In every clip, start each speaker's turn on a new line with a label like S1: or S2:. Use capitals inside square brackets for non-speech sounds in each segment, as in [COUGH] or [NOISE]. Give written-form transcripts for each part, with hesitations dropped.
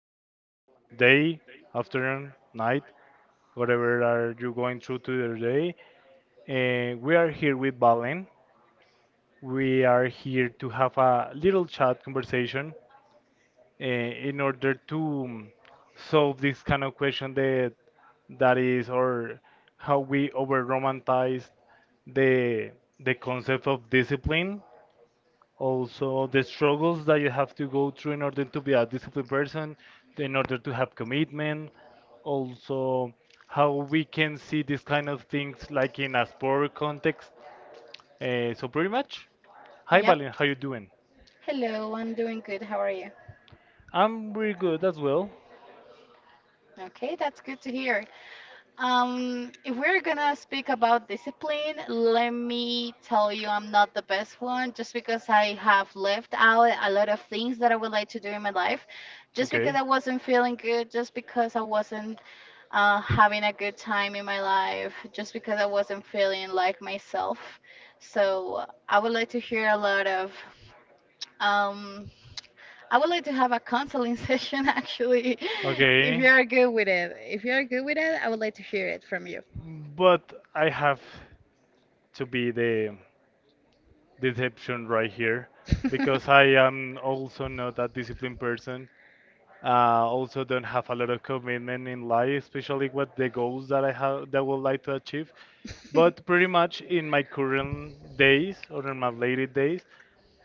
S1: amazing day, afternoon, night, whatever are you going through today. And we are here with Valen. We are here to have a little chat conversation, in order to solve this kind of question that is or how we over romanticize the the concept of discipline, also the struggles that you have to go through in order to be a disciplined person, in order to have commitment, also how we can see these kind of things like in a sport context. So pretty much, hi Valen,
S2: Yep.
S1: how you doing?
S2: Hello, I'm doing good. How are you?
S1: I'm really good as well.
S2: Okay, that's good to hear. If we're gonna speak about discipline, let me tell you, I'm not the best one just because I have left out a lot of things that I would like to do in my life, just because
S1: Okay.
S2: I wasn't feeling good, just because I wasn't having a good time in my life, just because I wasn't feeling like myself. So I would like to hear a lot of um, I would like to have a counseling [LAUGHS] session actually, if you
S1: Okay.
S2: are good with it. If you are good with it, I would like to hear it from you.
S1: But I have to be the deception right here because I
S2: [LAUGHS]
S1: am also not a disciplined person. Also don't have a lot of commitment in life, especially with the goals that I have that I would like to achieve. But pretty much in my current days or in my later days,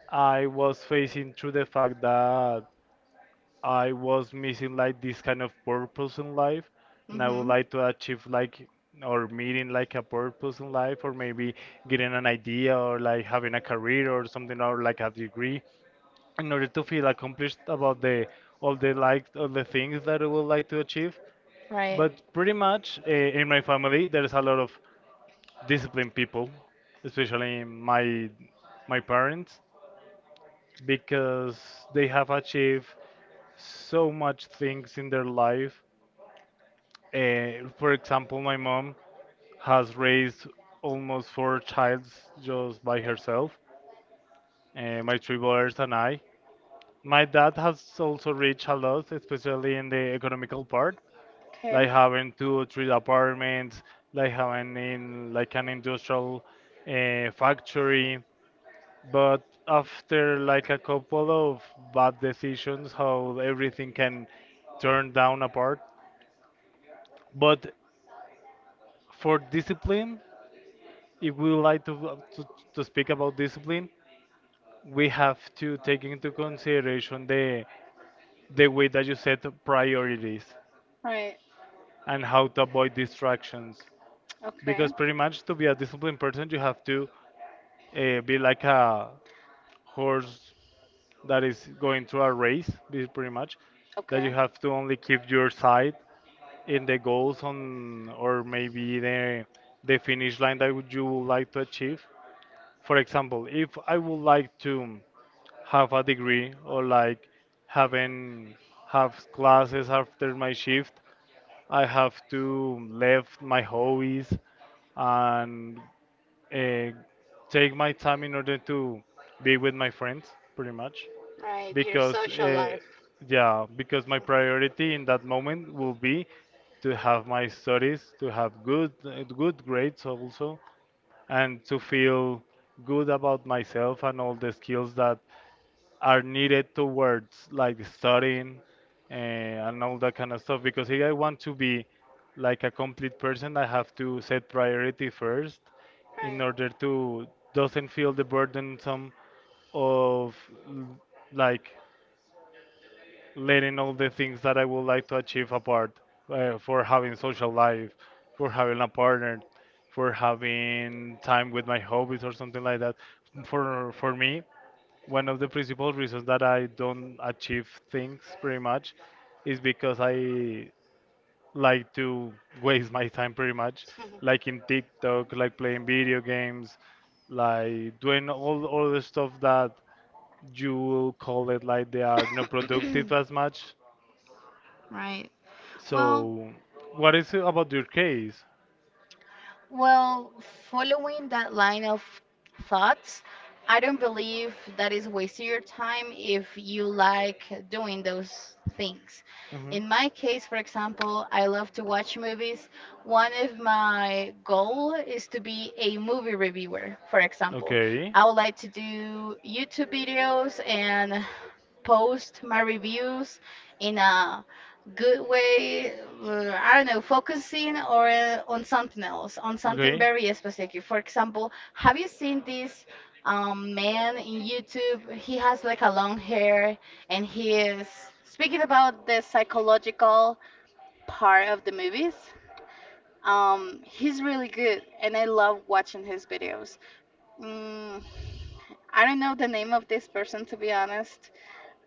S1: I was facing through the fact that I was missing like this kind of purpose in life, and I would
S2: Mhm.
S1: like to achieve like or meeting like a purpose in life, or maybe getting an idea, or like having a career or something, or like a degree, in order to feel accomplished about the all the like all the things that I would like to achieve.
S2: Right.
S1: But pretty much in my family, there is a lot of disciplined people, especially my parents, because they have achieved so much things in their life. For example, my mom has raised almost four childs just by herself, my three brothers and I. My dad has also reached a lot, especially in the economical part,
S2: Okay.
S1: like having two or three apartments, like having in like an industrial factory. But after like a couple of bad decisions, how everything can turn down apart. But for discipline, if we would like to speak about discipline, we have to take into consideration the way that you set priorities
S2: Right.
S1: and how to avoid distractions.
S2: Okay.
S1: Because pretty much to be a disciplined person, you have to be like a horse that is going through a race, pretty much,
S2: Okay.
S1: that you have to only keep your sight in the goals on or maybe the finish line that you would like to achieve. For example, if I would like to have a degree or like having have classes after my shift. I have to left my hobbies and uh, take my time in order to be with my friends, pretty much.
S2: Right. Your
S1: Because
S2: social life.
S1: yeah, because my priority in that moment will be to have my studies, to have good good grades also, and to feel good about myself and all the skills that are needed towards like studying, and all that kind of stuff, because if I want to be like a complete person I have to set priority first
S2: Right.
S1: in order to doesn't feel the burdensome of l- like letting all the things that I would like to achieve apart, for having social life, for having a partner, for having time with my hobbies or something like that. For me, one of the principal reasons that I don't achieve things pretty much is because I like to waste my time pretty much, like in
S2: [LAUGHS]
S1: TikTok, like playing video games, like doing all the stuff that you will call it like they are not productive as much.
S2: Right. Well,
S1: So, what is it about your case?
S2: Well, following that line of thoughts, I don't believe that is wasting your time if you like doing those things. In
S1: Mhm.
S2: my case, for example, I love to watch movies. One of my goal is to be a movie reviewer, for example.
S1: Okay.
S2: I would like to do YouTube videos and post my reviews in a good way, I don't know, focusing or on something else, on something
S1: Okay.
S2: very specific. For example, have you seen this man in YouTube? He has like a long hair and he is speaking about the psychological part of the movies. He's really good and I love watching his videos. mm, I don't know the name of this person to be honest.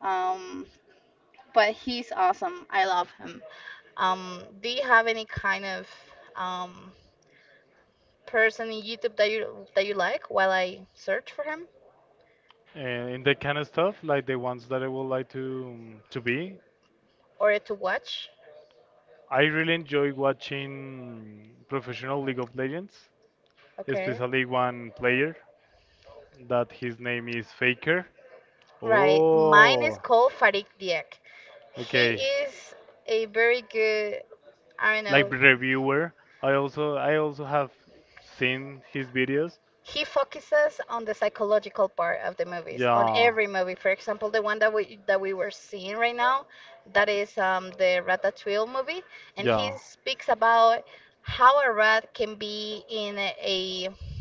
S2: um, but he's awesome. I love him. Do you have any kind of um, person in YouTube that you like, while I search for him,
S1: And in that kind of stuff, like the ones that I would like to, to be.
S2: or to watch?
S1: I really enjoy watching professional League of Legends,
S2: Okay.
S1: especially one player that his name is Faker.
S2: Right. Mine is
S1: Oh.
S2: called Farid Diak.
S1: Okay.
S2: He is a very good, I don't know,
S1: Like reviewer, I also have seen his videos.
S2: he focuses on the psychological part of the movies on
S1: Yeah.
S2: every movie. For example, the one that we were seeing right now, that is the Ratatouille movie. And he
S1: Yeah.
S2: speaks about how a rat can be in a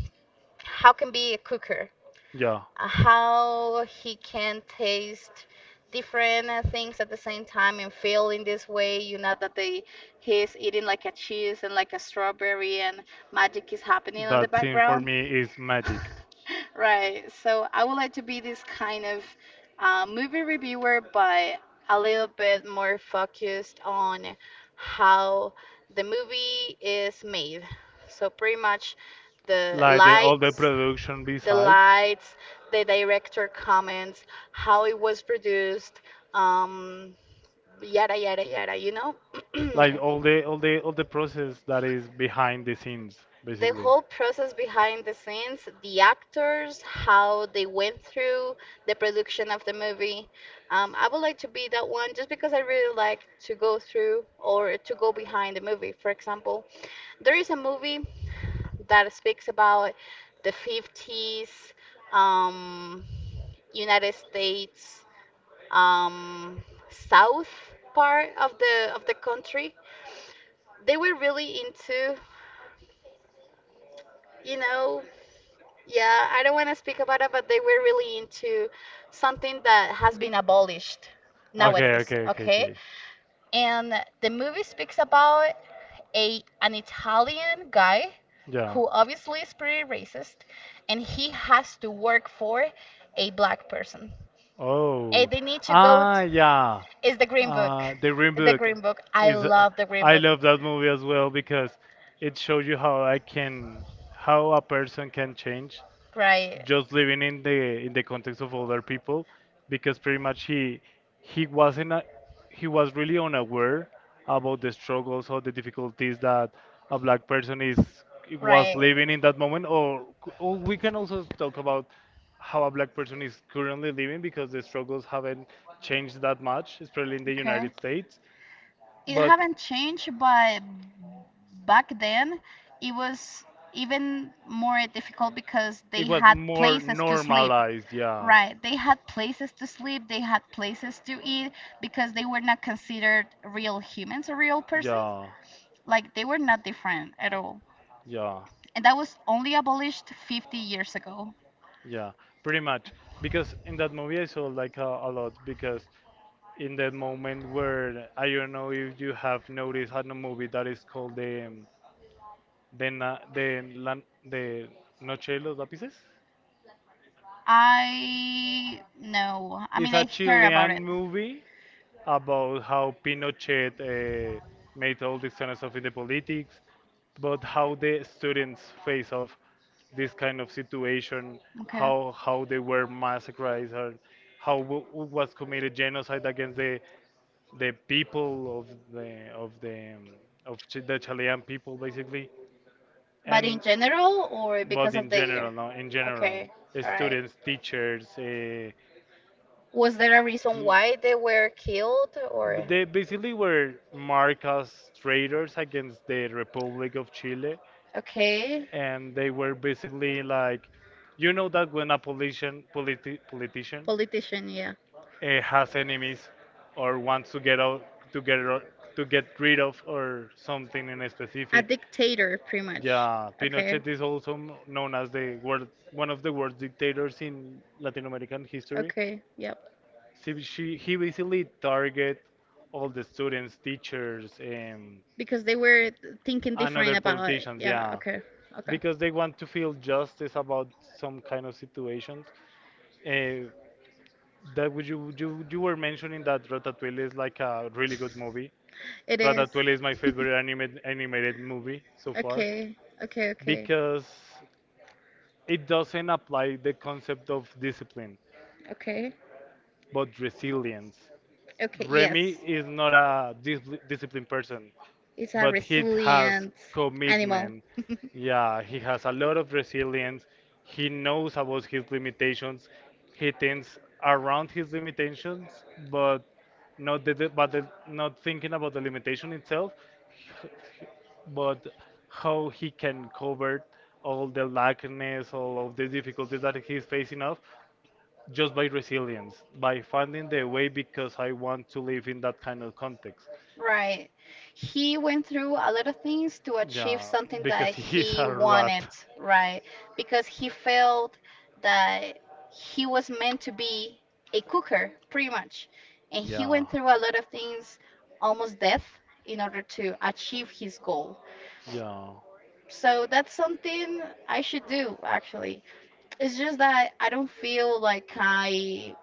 S2: how can be a cooker,
S1: Yeah.
S2: how he can taste different things at the same time and feel in this way, you know, that they he's eating like a cheese and like a strawberry and magic is happening on the
S1: That scene for
S2: background.
S1: me is magic.
S2: [LAUGHS] Right. So I would like to be this kind of movie reviewer, but a little bit more focused on how the movie is made. So pretty much the
S1: Like the all the
S2: lights,
S1: production
S2: the
S1: besides.
S2: lights, the director comments, how it was produced, um, yada yada yada, you know?
S1: Like all the
S2: [CLEARS THROAT]
S1: all the all the process that is behind the scenes,
S2: The
S1: basically.
S2: whole process behind the scenes, the actors, how they went through the production of the movie. I would like to be that one just because I really like to go through or to go behind the movie. For example, there is a movie that speaks about the 50s, um, United States, um, South part of the country. They were really into, you know, yeah, I don't want to speak about it, but they were really into something that has been abolished
S1: Okay,
S2: nowadays,
S1: okay, okay,
S2: okay?
S1: okay.
S2: And the movie speaks about a an Italian guy
S1: Yeah.
S2: who obviously is pretty racist, and he has to work for a black person.
S1: Oh.
S2: And they need to go
S1: Ah, yeah.
S2: is the Green Book.
S1: The Green
S2: The
S1: Book
S2: Green Book. I
S1: is.
S2: love the Green
S1: I
S2: Book.
S1: love that movie as well because it shows you how I can, how a person can change,
S2: Right.
S1: just living in the context of other people, because pretty much he wasn't a, he was really unaware about the struggles or the difficulties that a black person is was
S2: Right.
S1: living in that moment, or or we can also talk about how a black person is currently living because the struggles haven't changed that much, especially in the
S2: Okay.
S1: United States,
S2: It
S1: but
S2: haven't changed, but back then it was even more difficult because
S1: it
S2: they
S1: was
S2: had
S1: more
S2: places to sleep.
S1: normalized, yeah.
S2: Right. They had places to sleep, they had places to eat because they were not considered real humans or real persons.
S1: Yeah,
S2: Like they were not different at all.
S1: yeah,
S2: And that was only abolished 50 years ago.
S1: yeah, pretty much. Because in that movie I saw like a lot, because in that moment, where I don't know if you have noticed, had a movie that is called the na, the la, the Noche de los Lápices.
S2: I No, I
S1: It's
S2: mean
S1: a
S2: I heard about
S1: Chilean
S2: it.
S1: movie about how Pinochet uh, made all this kind of stuff in the politics, but how the students face of this kind of situation,
S2: Okay.
S1: how they were massacred, and how was committed genocide against the people of the of the um, the Chilean people, basically,
S2: But in
S1: and
S2: general or
S1: but
S2: because
S1: in
S2: of the.
S1: general, no, in general,
S2: Okay. All right.
S1: students, teachers,
S2: Was there a reason
S1: cl-
S2: why they were killed
S1: But
S2: or?
S1: they basically were marked as traitors against the Republic of Chile,
S2: Okay.
S1: and they were basically like, you know that when a politician
S2: Politician, yeah.
S1: has enemies or wants to get out to get ro- to get rid of or something in a
S2: A
S1: specific,
S2: dictator, pretty much.
S1: yeah,
S2: Okay.
S1: Pinochet is also known as the world one of the worst dictators in Latin American history.
S2: Okay, yep.
S1: See, he basically target all the students, teachers, and,
S2: Because they were thinking
S1: and other
S2: different about it.
S1: politicians,
S2: Yeah,
S1: yeah,
S2: okay, okay.
S1: because they want to feel justice about some kind of situations. Uh, that would you were mentioning that Ratatouille is like a really good movie.
S2: It is.
S1: Ratatouille is my
S2: [LAUGHS]
S1: favorite animated movie so far
S2: Okay, okay, okay.
S1: because it doesn't apply the concept of discipline
S2: Okay,
S1: but resilience.
S2: okay, yes.
S1: Remy is not a disciplined person.
S2: It's a
S1: But he has
S2: resilient animal.
S1: commitment.
S2: [LAUGHS]
S1: Yeah, he has a lot of resilience. He knows about his limitations. He thinks around his limitations, but not the, the- but the, not thinking about the limitation itself, h- but how he can cover all the lackness, all of the difficulties that he's facing off, just by resilience, by finding the way, because I want to live in that kind of context.
S2: Right. He went through a lot of things to achieve
S1: Yeah,
S2: something
S1: because
S2: that
S1: he's
S2: he
S1: a
S2: wanted,
S1: rat.
S2: right? Because he felt that he was meant to be a cooker, pretty much. And he
S1: Yeah,
S2: went through a lot of things, almost death, in order to achieve his goal.
S1: yeah.
S2: So that's something I should do, actually. It's just that I don't feel like I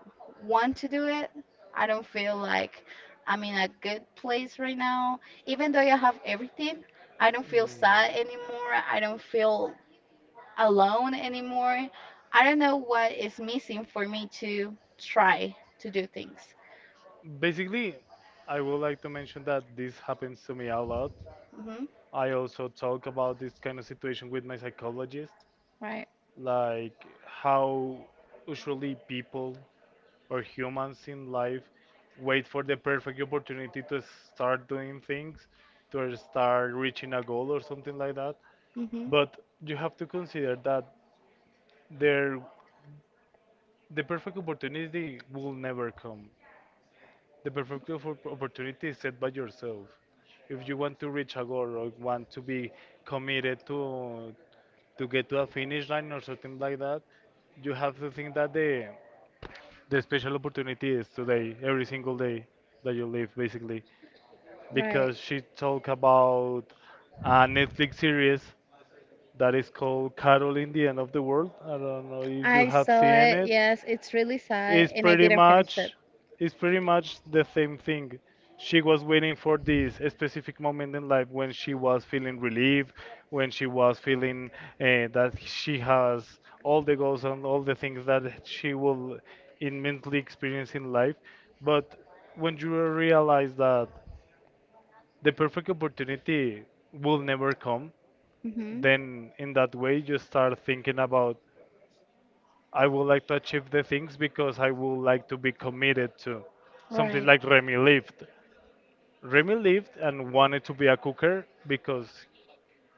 S2: want to do it. I don't feel like I'm in a good place right now. Even though I have everything, I don't feel
S1: Mm.
S2: sad anymore. I don't feel alone anymore. I don't know what is missing for me to try to do things.
S1: Basically, I would like to mention that this happens to me a lot.
S2: Mhm.
S1: I also talk about this kind of situation with my psychologist,
S2: Right.
S1: like how usually people or humans in life wait for the perfect opportunity to start doing things, to start reaching a goal or something like that.
S2: Mhm.
S1: But you have to consider that there the perfect opportunity will never come. The perfect opportunity is set by yourself. If you want to reach a goal or want to be committed to get to a finish line or something like that, you have to think that the special opportunity is today, every single day that you live, basically,
S2: Right.
S1: because she talked about a Netflix series that is called Carol in the End of the World. I don't know if you
S2: I
S1: have
S2: saw
S1: seen
S2: it.
S1: it.
S2: Yes, it's really sad,
S1: It's
S2: and I
S1: pretty
S2: didn't finish it.
S1: much it's pretty much the same thing. She was waiting for this specific moment in life when she was feeling relief, when she was feeling that she has all the goals and all the things that she will immensely experience in life. But when you realize that the perfect opportunity will never come,
S2: Mhm.
S1: then in that way you start thinking about, I would like to achieve the things because I would like to be committed to something
S2: Right.
S1: like Remy lived. Remy lived and wanted to be a cooker because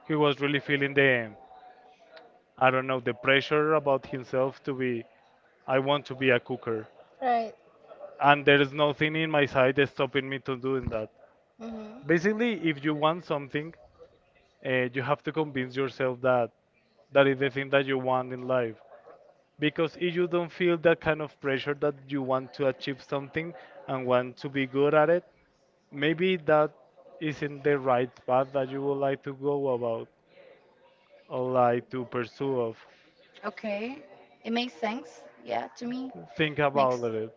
S1: he was really feeling the I don't know the pressure about himself, to be, I want to be a cooker,
S2: Right.
S1: and there is nothing in my side that's stopping me to doing that.
S2: Mhm.
S1: Basically, if you want something, you have to convince yourself that that is the thing that you want in life. Because if you don't feel that kind of pressure, that you want to achieve something and want to be good at it, maybe that isn't the right path that you would like to go about or like to pursue of.
S2: Okay. It makes sense. Yeah, to me,
S1: Think
S2: makes
S1: about it,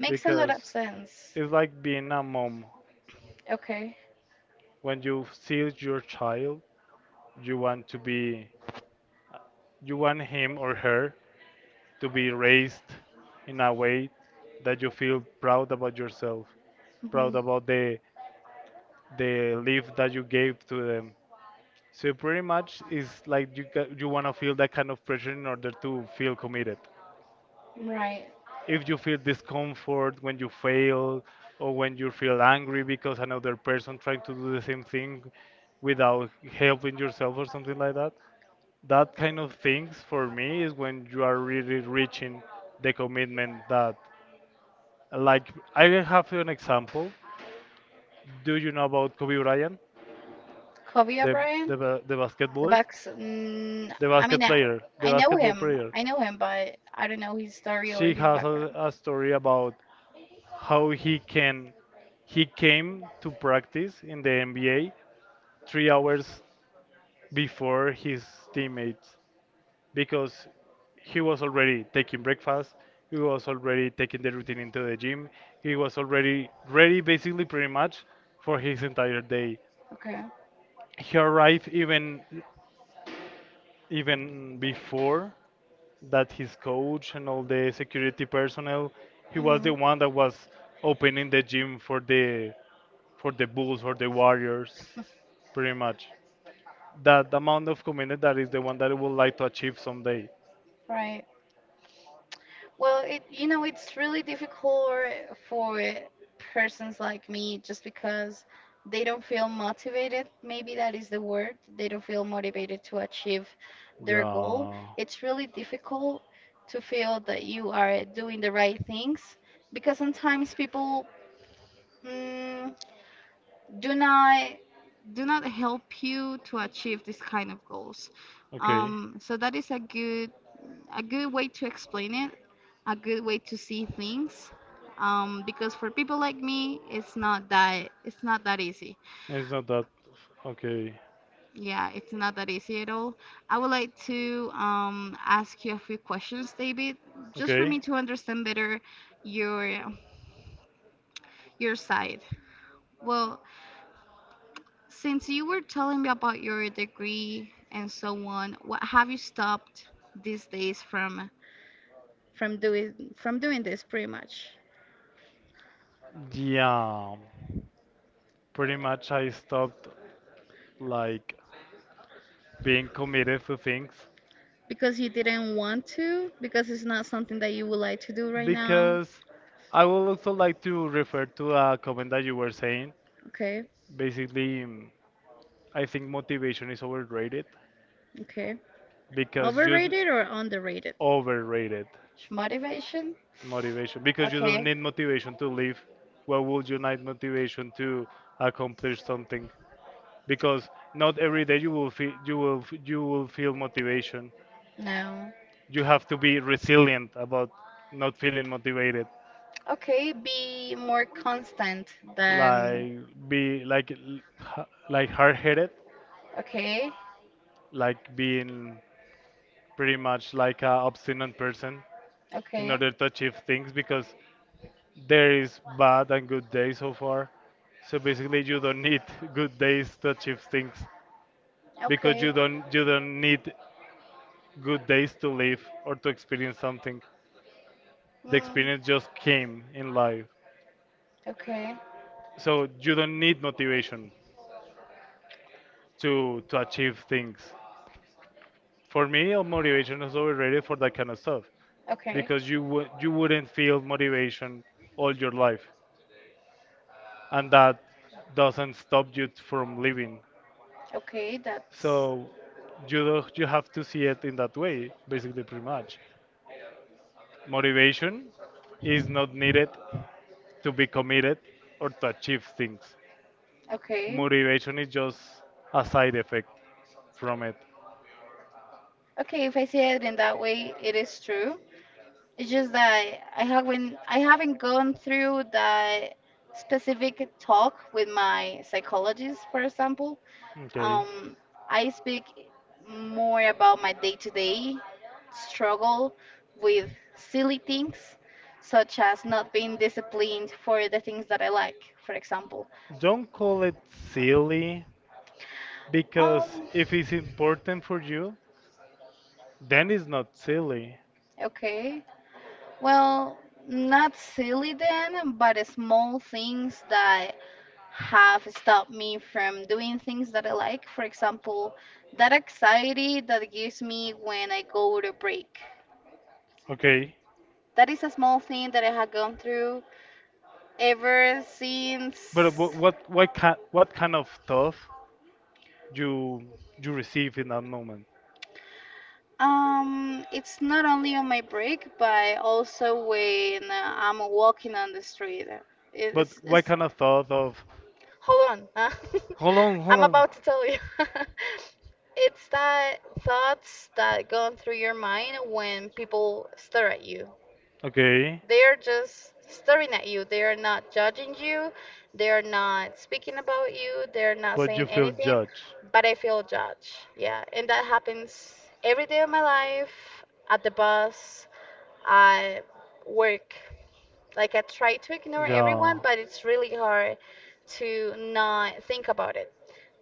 S2: makes a lot
S1: because
S2: of sense.
S1: it's like being a mom.
S2: Okay.
S1: When you see your child, you want to be, you want him or her to be raised in a way that you feel proud about yourself, proud
S2: Mhm.
S1: about the life that you gave to them. So pretty much is like you you want to feel that kind of pressure in order to feel committed.
S2: Right.
S1: If you feel discomfort when you fail or when you feel angry because another person trying to do the same thing without helping yourself or something like that, that kind of things for me is when you are really reaching the commitment that, like, I have an example. Do you know about Kobe Bryant,
S2: Kobe
S1: the
S2: O'Brien,
S1: the
S2: the
S1: basketballist,
S2: Bucks. Mm,
S1: the
S2: I
S1: basket
S2: mean,
S1: player, the
S2: I know
S1: basketball
S2: him.
S1: player?
S2: I know him, but I don't know his story or
S1: She
S2: his
S1: has
S2: background.
S1: a story about how he came to practice in the NBA 3 hours before his teammates because he was already taking breakfast, he was already taking the routine into the gym, he was already ready basically pretty much for his entire day.
S2: Okay.
S1: He arrived even before that his coach and all the security personnel, he was the
S2: Mhm.
S1: one that was opening the gym for the Bulls or the Warriors, pretty much. That amount of commitment, that is the one that I would like to achieve someday.
S2: Right. Well, it it's really difficult for persons like me just because they don't feel motivated. Maybe that is the word. They don't feel motivated to achieve their goal.
S1: Yeah.
S2: It's really difficult to feel that you are doing the right things because sometimes people mm, do not help you to achieve this kind of goals.
S1: Okay.
S2: So that is a good, a good way to explain it, a good way to see things. Because for people like me, it's not that easy.
S1: It's not that. Okay.
S2: Yeah, it's not that easy at all. I would like to ask you a few questions, David, just for
S1: Okay.
S2: me to understand better your side. Well, since you were telling me about your degree and so on, what have you stopped these days from doing this pretty much?
S1: Yeah, pretty much, I stopped, like, being committed to things.
S2: Because you didn't want to? Because it's not something that you would like to do right now?
S1: Because I would also like to refer to a comment that you were saying.
S2: Okay,
S1: Basically, I think motivation is overrated
S2: okay.
S1: because you d-
S2: Overrated or underrated?
S1: overrated
S2: Motivation?
S1: motivation because you don't
S2: Okay.
S1: need motivation to live. Why would you need motivation to accomplish something? Because not every day you will feel, you will you will feel motivation.
S2: No.
S1: You have to be resilient about not feeling motivated.
S2: Okay, be more constant, than.
S1: Like be like l- h- like hard-headed,
S2: Okay,
S1: like being pretty much like a obstinate person in
S2: okay,
S1: order to achieve things, because there is bad and good days so far, so basically you don't need [LAUGHS] good days to achieve things, because
S2: okay.
S1: you don't need good days to live or to experience something. The
S2: Mm,
S1: experience just came in life,
S2: okay.
S1: so you don't need motivation to achieve things. For me, motivation is overrated for that kind of stuff,
S2: Okay.
S1: because you wouldn't feel motivation all your life, and that doesn't stop from living.
S2: Okay, that's
S1: So you do, you have to see it in that way, basically, pretty much. Motivation is not needed to be committed or to achieve things.
S2: okay.
S1: Motivation is just a side effect from it.
S2: Okay, if I see it in that way, it is true. It's just that I haven't gone through that specific talk with my psychologist, for example.
S1: Okay.
S2: Um, I speak more about my day to day struggle with silly things, such as not being disciplined for the things that I like, for example.
S1: Don't call it silly, because
S2: Um,
S1: if it's important for you, then it's not silly.
S2: okay. Well, not silly then, but small things that have stopped me from doing things that I like. For example, that anxiety that it gives me when I go to break.
S1: Okay.
S2: That is a small thing that I have gone through ever since.
S1: But what kind of thought you receive in that moment?
S2: It's not only on my break but also when I'm walking on the street.
S1: But what
S2: It's
S1: kind of thought of,
S2: Hold on.
S1: hold on,
S2: [LAUGHS]
S1: hold
S2: I'm
S1: on.
S2: about to tell you. [LAUGHS] It's that thoughts that go through your mind when people stare at you.
S1: Okay.
S2: They're just staring at you. They are not judging you. They are not speaking about you. They're not
S1: But you
S2: saying
S1: feel
S2: anything,
S1: judged.
S2: but I feel judged. Yeah, and that happens every day of my life at the bus, I work. Like I try to ignore
S1: Yeah.
S2: everyone, but it's really hard to not think about it.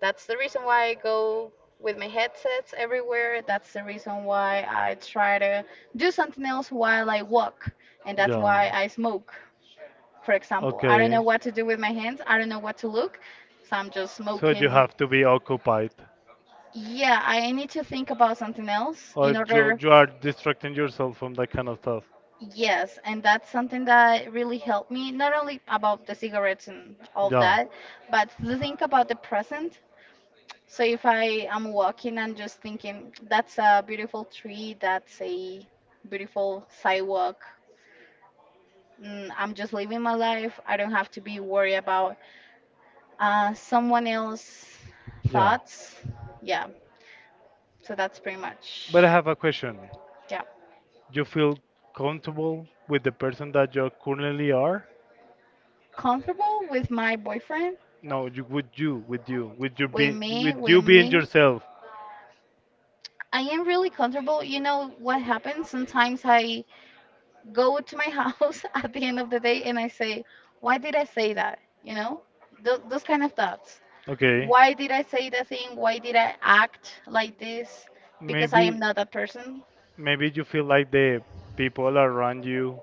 S2: That's the reason why I go with my headsets everywhere. That's the reason why I try to do something else while I walk. And that's
S1: Yeah.
S2: why I smoke, for example. I don't
S1: Okay.
S2: know what to do with my hands. I don't know what to look. So I'm just
S1: So you
S2: smoking.
S1: have to be occupied, yes,
S2: Yeah, I need to think about something else
S1: or
S2: in
S1: so you
S2: order.
S1: you are distracting yourself from that kind of stuff. Yes.
S2: Yes, and that's something that really helped me, not only about the cigarettes and all of
S1: Yeah.
S2: that, but to think about the present. So if I am walking and just thinking, that's a beautiful tree, that's a beautiful sidewalk. Mm, I'm just living my life. I don't have to be worried about someone else's
S1: Yeah.
S2: thoughts. Yeah, so that's pretty
S1: But
S2: much,
S1: I have a question.
S2: yeah.
S1: You feel comfortable with the person that you currently are?
S2: Comfortable with my boyfriend,
S1: No, you with you, with you, with with you
S2: with
S1: being
S2: me.
S1: yourself.
S2: I am really comfortable. You know what happens? Sometimes I go to my house [LAUGHS] at the end of the day and I say, why did I say that? You know, Th those kind of thoughts.
S1: Okay,
S2: Why did I say that thing? Why did I act like this? Because I am
S1: maybe
S2: not that person.
S1: maybe you feel like the people around you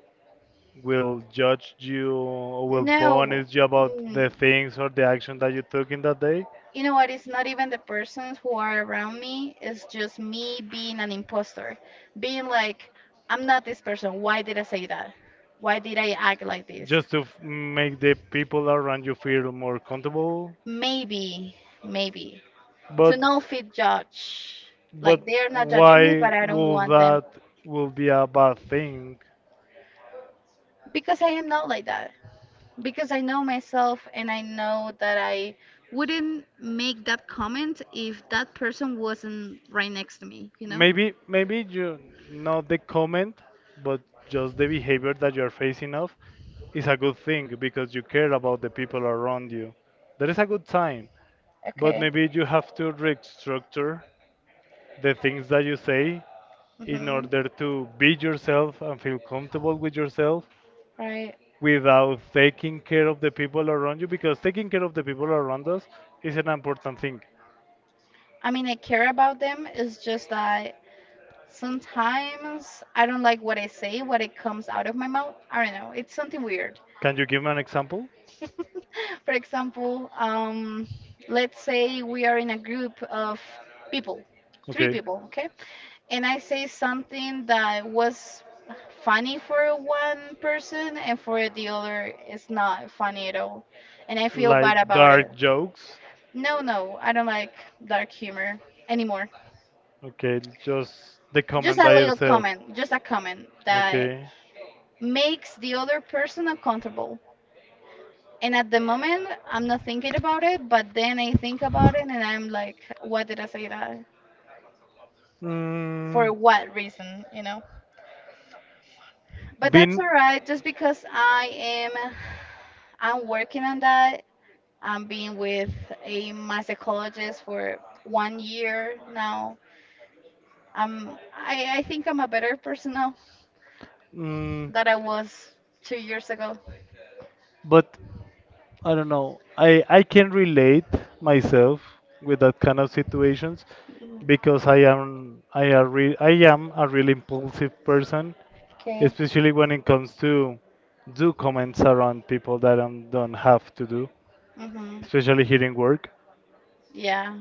S1: will judge you or will
S2: No.
S1: punish you about the
S2: Mm,
S1: things or the action that you took in that day,
S2: you know what? It's not even the persons who are around me. It's just me being an imposter. Being like, I'm not this person. Why did I say that? Why did I act like this?
S1: just to make the people around you feel more comfortable,
S2: Maybe, maybe.
S1: but.
S2: To no fit judge. Like
S1: But
S2: they are not judging me,
S1: why
S2: but I don't
S1: will
S2: want them
S1: that will be a bad thing?
S2: because I am not like that. Because I know myself and I know that I wouldn't make that comment if that person wasn't right next to me, you know?
S1: Maybe you, not the comment, but just the behavior that you're facing off is a good thing because you care about the people around you. That is a good sign. But
S2: Okay.
S1: maybe you have to restructure the things that you say in
S2: Mhm.
S1: order to be yourself and feel comfortable with yourself
S2: Right.
S1: without taking care of the people around you, because taking care of the people around us is an important thing.
S2: I mean, I care about them. It's just that sometimes I don't like what I say, what it comes out of my mouth. I don't know. It's something weird.
S1: Can you give me an example?
S2: [LAUGHS] For example, let's say we are in a group of people, three
S1: Okay.
S2: people, okay? And I say something that was funny for one person and for the other it's not funny at all. And I feel bad
S1: Like
S2: about it.
S1: dark jokes.
S2: No, no, I don't like dark humor anymore.
S1: Okay, just the
S2: Just
S1: comment
S2: a
S1: by
S2: little
S1: yourself.
S2: comment, just a comment that
S1: Okay.
S2: makes the other person uncomfortable. And at the moment, I'm not thinking about it, but then I think about it and I'm like, what did I say that? For
S1: Mm,
S2: what reason, you know? But that's
S1: been.
S2: all right, just because I'm working on that. I'm being with a my psychologist for 1 year now. I think I'm a better person now
S1: Mm,
S2: than I was 2 years ago.
S1: but I don't know. I can relate myself with that kind of situations
S2: Mm,
S1: because I am I are re, I am a really impulsive person,
S2: okay.
S1: especially when it comes to do comments around people that I don't have to do,
S2: Mm-hmm.
S1: especially here in work.
S2: Yeah.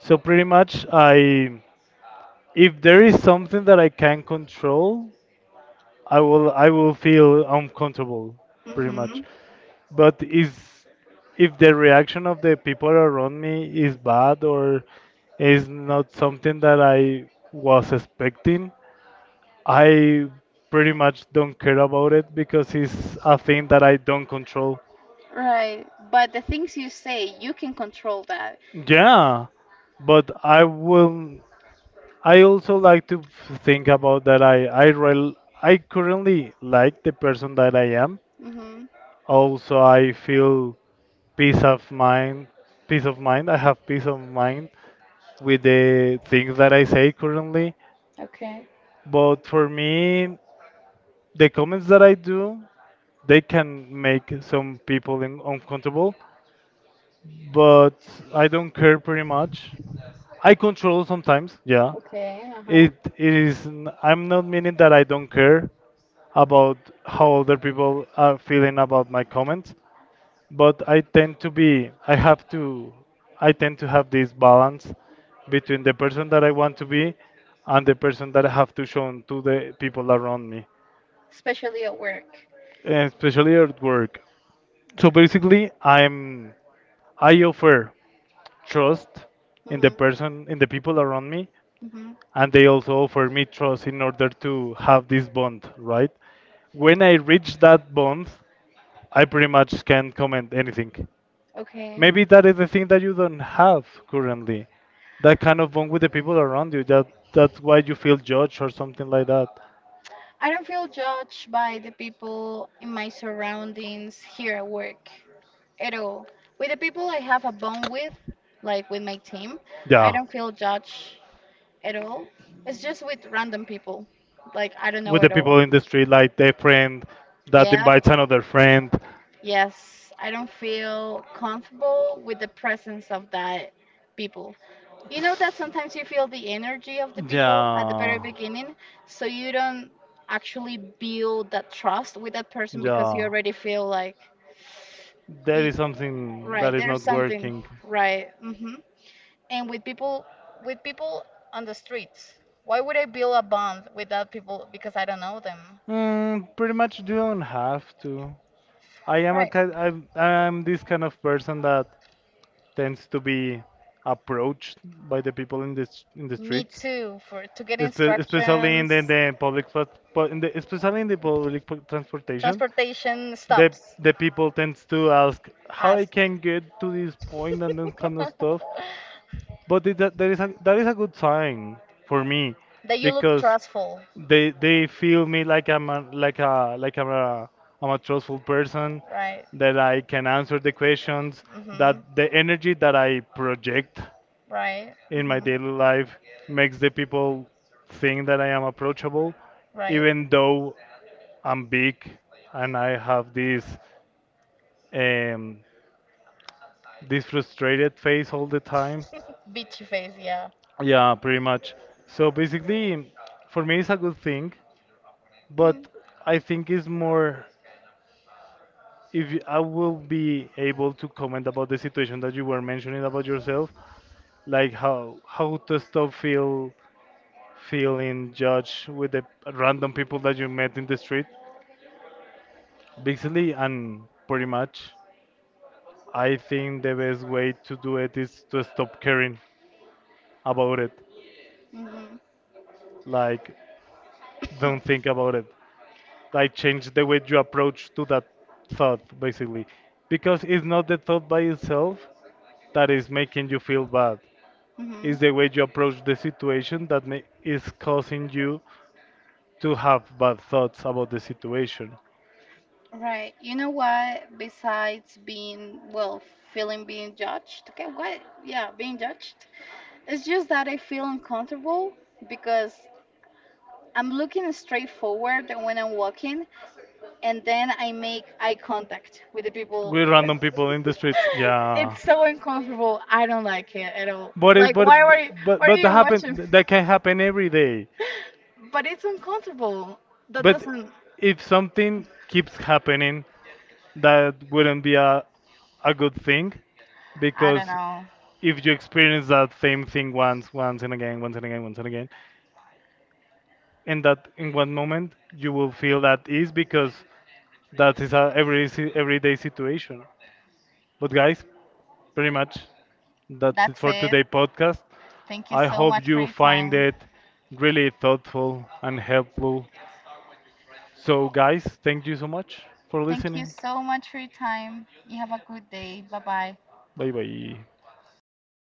S1: So pretty much, I, if there is something that I can control, I will feel uncomfortable pretty
S2: Mm-hmm.
S1: much. But is, if the reaction of the people around me is bad or is not something that I was expecting, I pretty much don't care about it because it's a thing that I don't control.
S2: Right. But the things you say, you can control that.
S1: Yeah, but I will. I also like to think about that. I rel I currently like the person that I am.
S2: Mhm.
S1: Also, I feel peace of mind. Peace of mind. I have peace of mind with the things that I say currently.
S2: Okay.
S1: But for me, the comments that I do, they can make some people in, uncomfortable, but I don't care pretty much. I control sometimes, yeah.
S2: Okay. Uh huh.
S1: It is. I'm not meaning that I don't care about how other people are feeling about my comments, but I tend to have this balance between the person that I want to be and the person that I have to show to the people around me,
S2: Especially at work.
S1: especially at work. So basically, I'm, I offer trust in the
S2: Mhm.
S1: people around me,
S2: Mhm.
S1: and they also offer me trust in order to have this bond, right? When I reach that bond, I pretty much can't comment anything.
S2: Okay.
S1: Maybe that is the thing that you don't have currently. That kind of bond with the people around you. That, that's why you feel judged or something like that.
S2: I don't feel judged by the people in my surroundings here at work at all. With the people I have a bond with, like with my team, I
S1: Yeah.
S2: don't feel judged at all. It's just with random people. Like I don't
S1: With
S2: know
S1: the
S2: at all.
S1: people in the street, like their friend that
S2: Yeah.
S1: invites another friend.
S2: Yes, I don't feel comfortable with the presence of that people. You know that sometimes you feel the energy of the people at the very
S1: Yeah.
S2: beginning, so you don't actually build that trust with that person because you
S1: Yeah.
S2: already feel like,
S1: There
S2: y
S1: is something
S2: right,
S1: that is
S2: there's
S1: not
S2: something,
S1: working.
S2: right? And with with people on the streets, why would I build a bond with that people because I don't know them?
S1: Mm, pretty much you don't have to. I am a
S2: Right.
S1: kind, I'm this kind of person that tends to be approached by the people in in the
S2: Me
S1: streets.
S2: too, for to get
S1: Especially in
S2: instructions.
S1: the public plat- pu- in the especially in the public transportation,
S2: Transportation
S1: the
S2: stops
S1: people tends to ask how I
S2: us.
S1: can get to this
S2: [LAUGHS]
S1: point and that kind of stuff. But it, that, that is a good sign for me
S2: That you look
S1: because
S2: trustful,
S1: they feel me like I'm a, I'm a trustful person
S2: right?
S1: that I can answer the questions, that
S2: Hmm.
S1: the energy that I project
S2: Right.
S1: in my
S2: Hmm.
S1: daily life makes the people think that I am approachable,
S2: Right.
S1: even though I'm big and I have this um, this frustrated face all the time.
S2: [LAUGHS] Bitchy face, yeah.
S1: Yeah, pretty much. So basically, for me, it's a good thing, but
S2: Mm.
S1: I think it's more, if you- I will be able to comment about the situation that you were mentioning about yourself, like how to stop feeling judged with the random people that you met in the street, basically, and pretty much, I think the best way to do it is to stop caring about it,
S2: Mhm.
S1: like don't think about it. I changed the way you approach to that thought, basically. Because it's not the thought by itself that is making you feel bad. It's the way you approach the situation that is causing you to have bad thoughts about the situation.
S2: Mhm. Right. You know what? Besides being, well, feeling being judged, okay, what? Yeah, being judged. It's just that I feel uncomfortable because I'm looking straight forward when I'm walking, and then I make eye contact with the people.
S1: We
S2: [LAUGHS]
S1: random people in the streets, yeah.
S2: It's so uncomfortable. I don't like it at all.
S1: But it,
S2: Like,
S1: but but
S2: why are
S1: but that
S2: you watching?
S1: happen, that can happen every day.
S2: But it's uncomfortable. That
S1: But
S2: doesn't.
S1: if something keeps happening, that wouldn't be a good thing,
S2: I don't
S1: because
S2: know.
S1: if you experience that same thing once once and again, once and again, once and again, and that in one moment you will feel that ease because that is a everyday situation. But guys, pretty much, that's it
S2: That's
S1: for
S2: it.
S1: today podcast.
S2: Thank you
S1: I
S2: so
S1: hope
S2: much for
S1: you
S2: your
S1: find
S2: time.
S1: it really thoughtful and helpful. So guys, thank you so much for
S2: Thank you
S1: listening.
S2: so much for your time. You have a good day. Bye bye.
S1: Bye bye.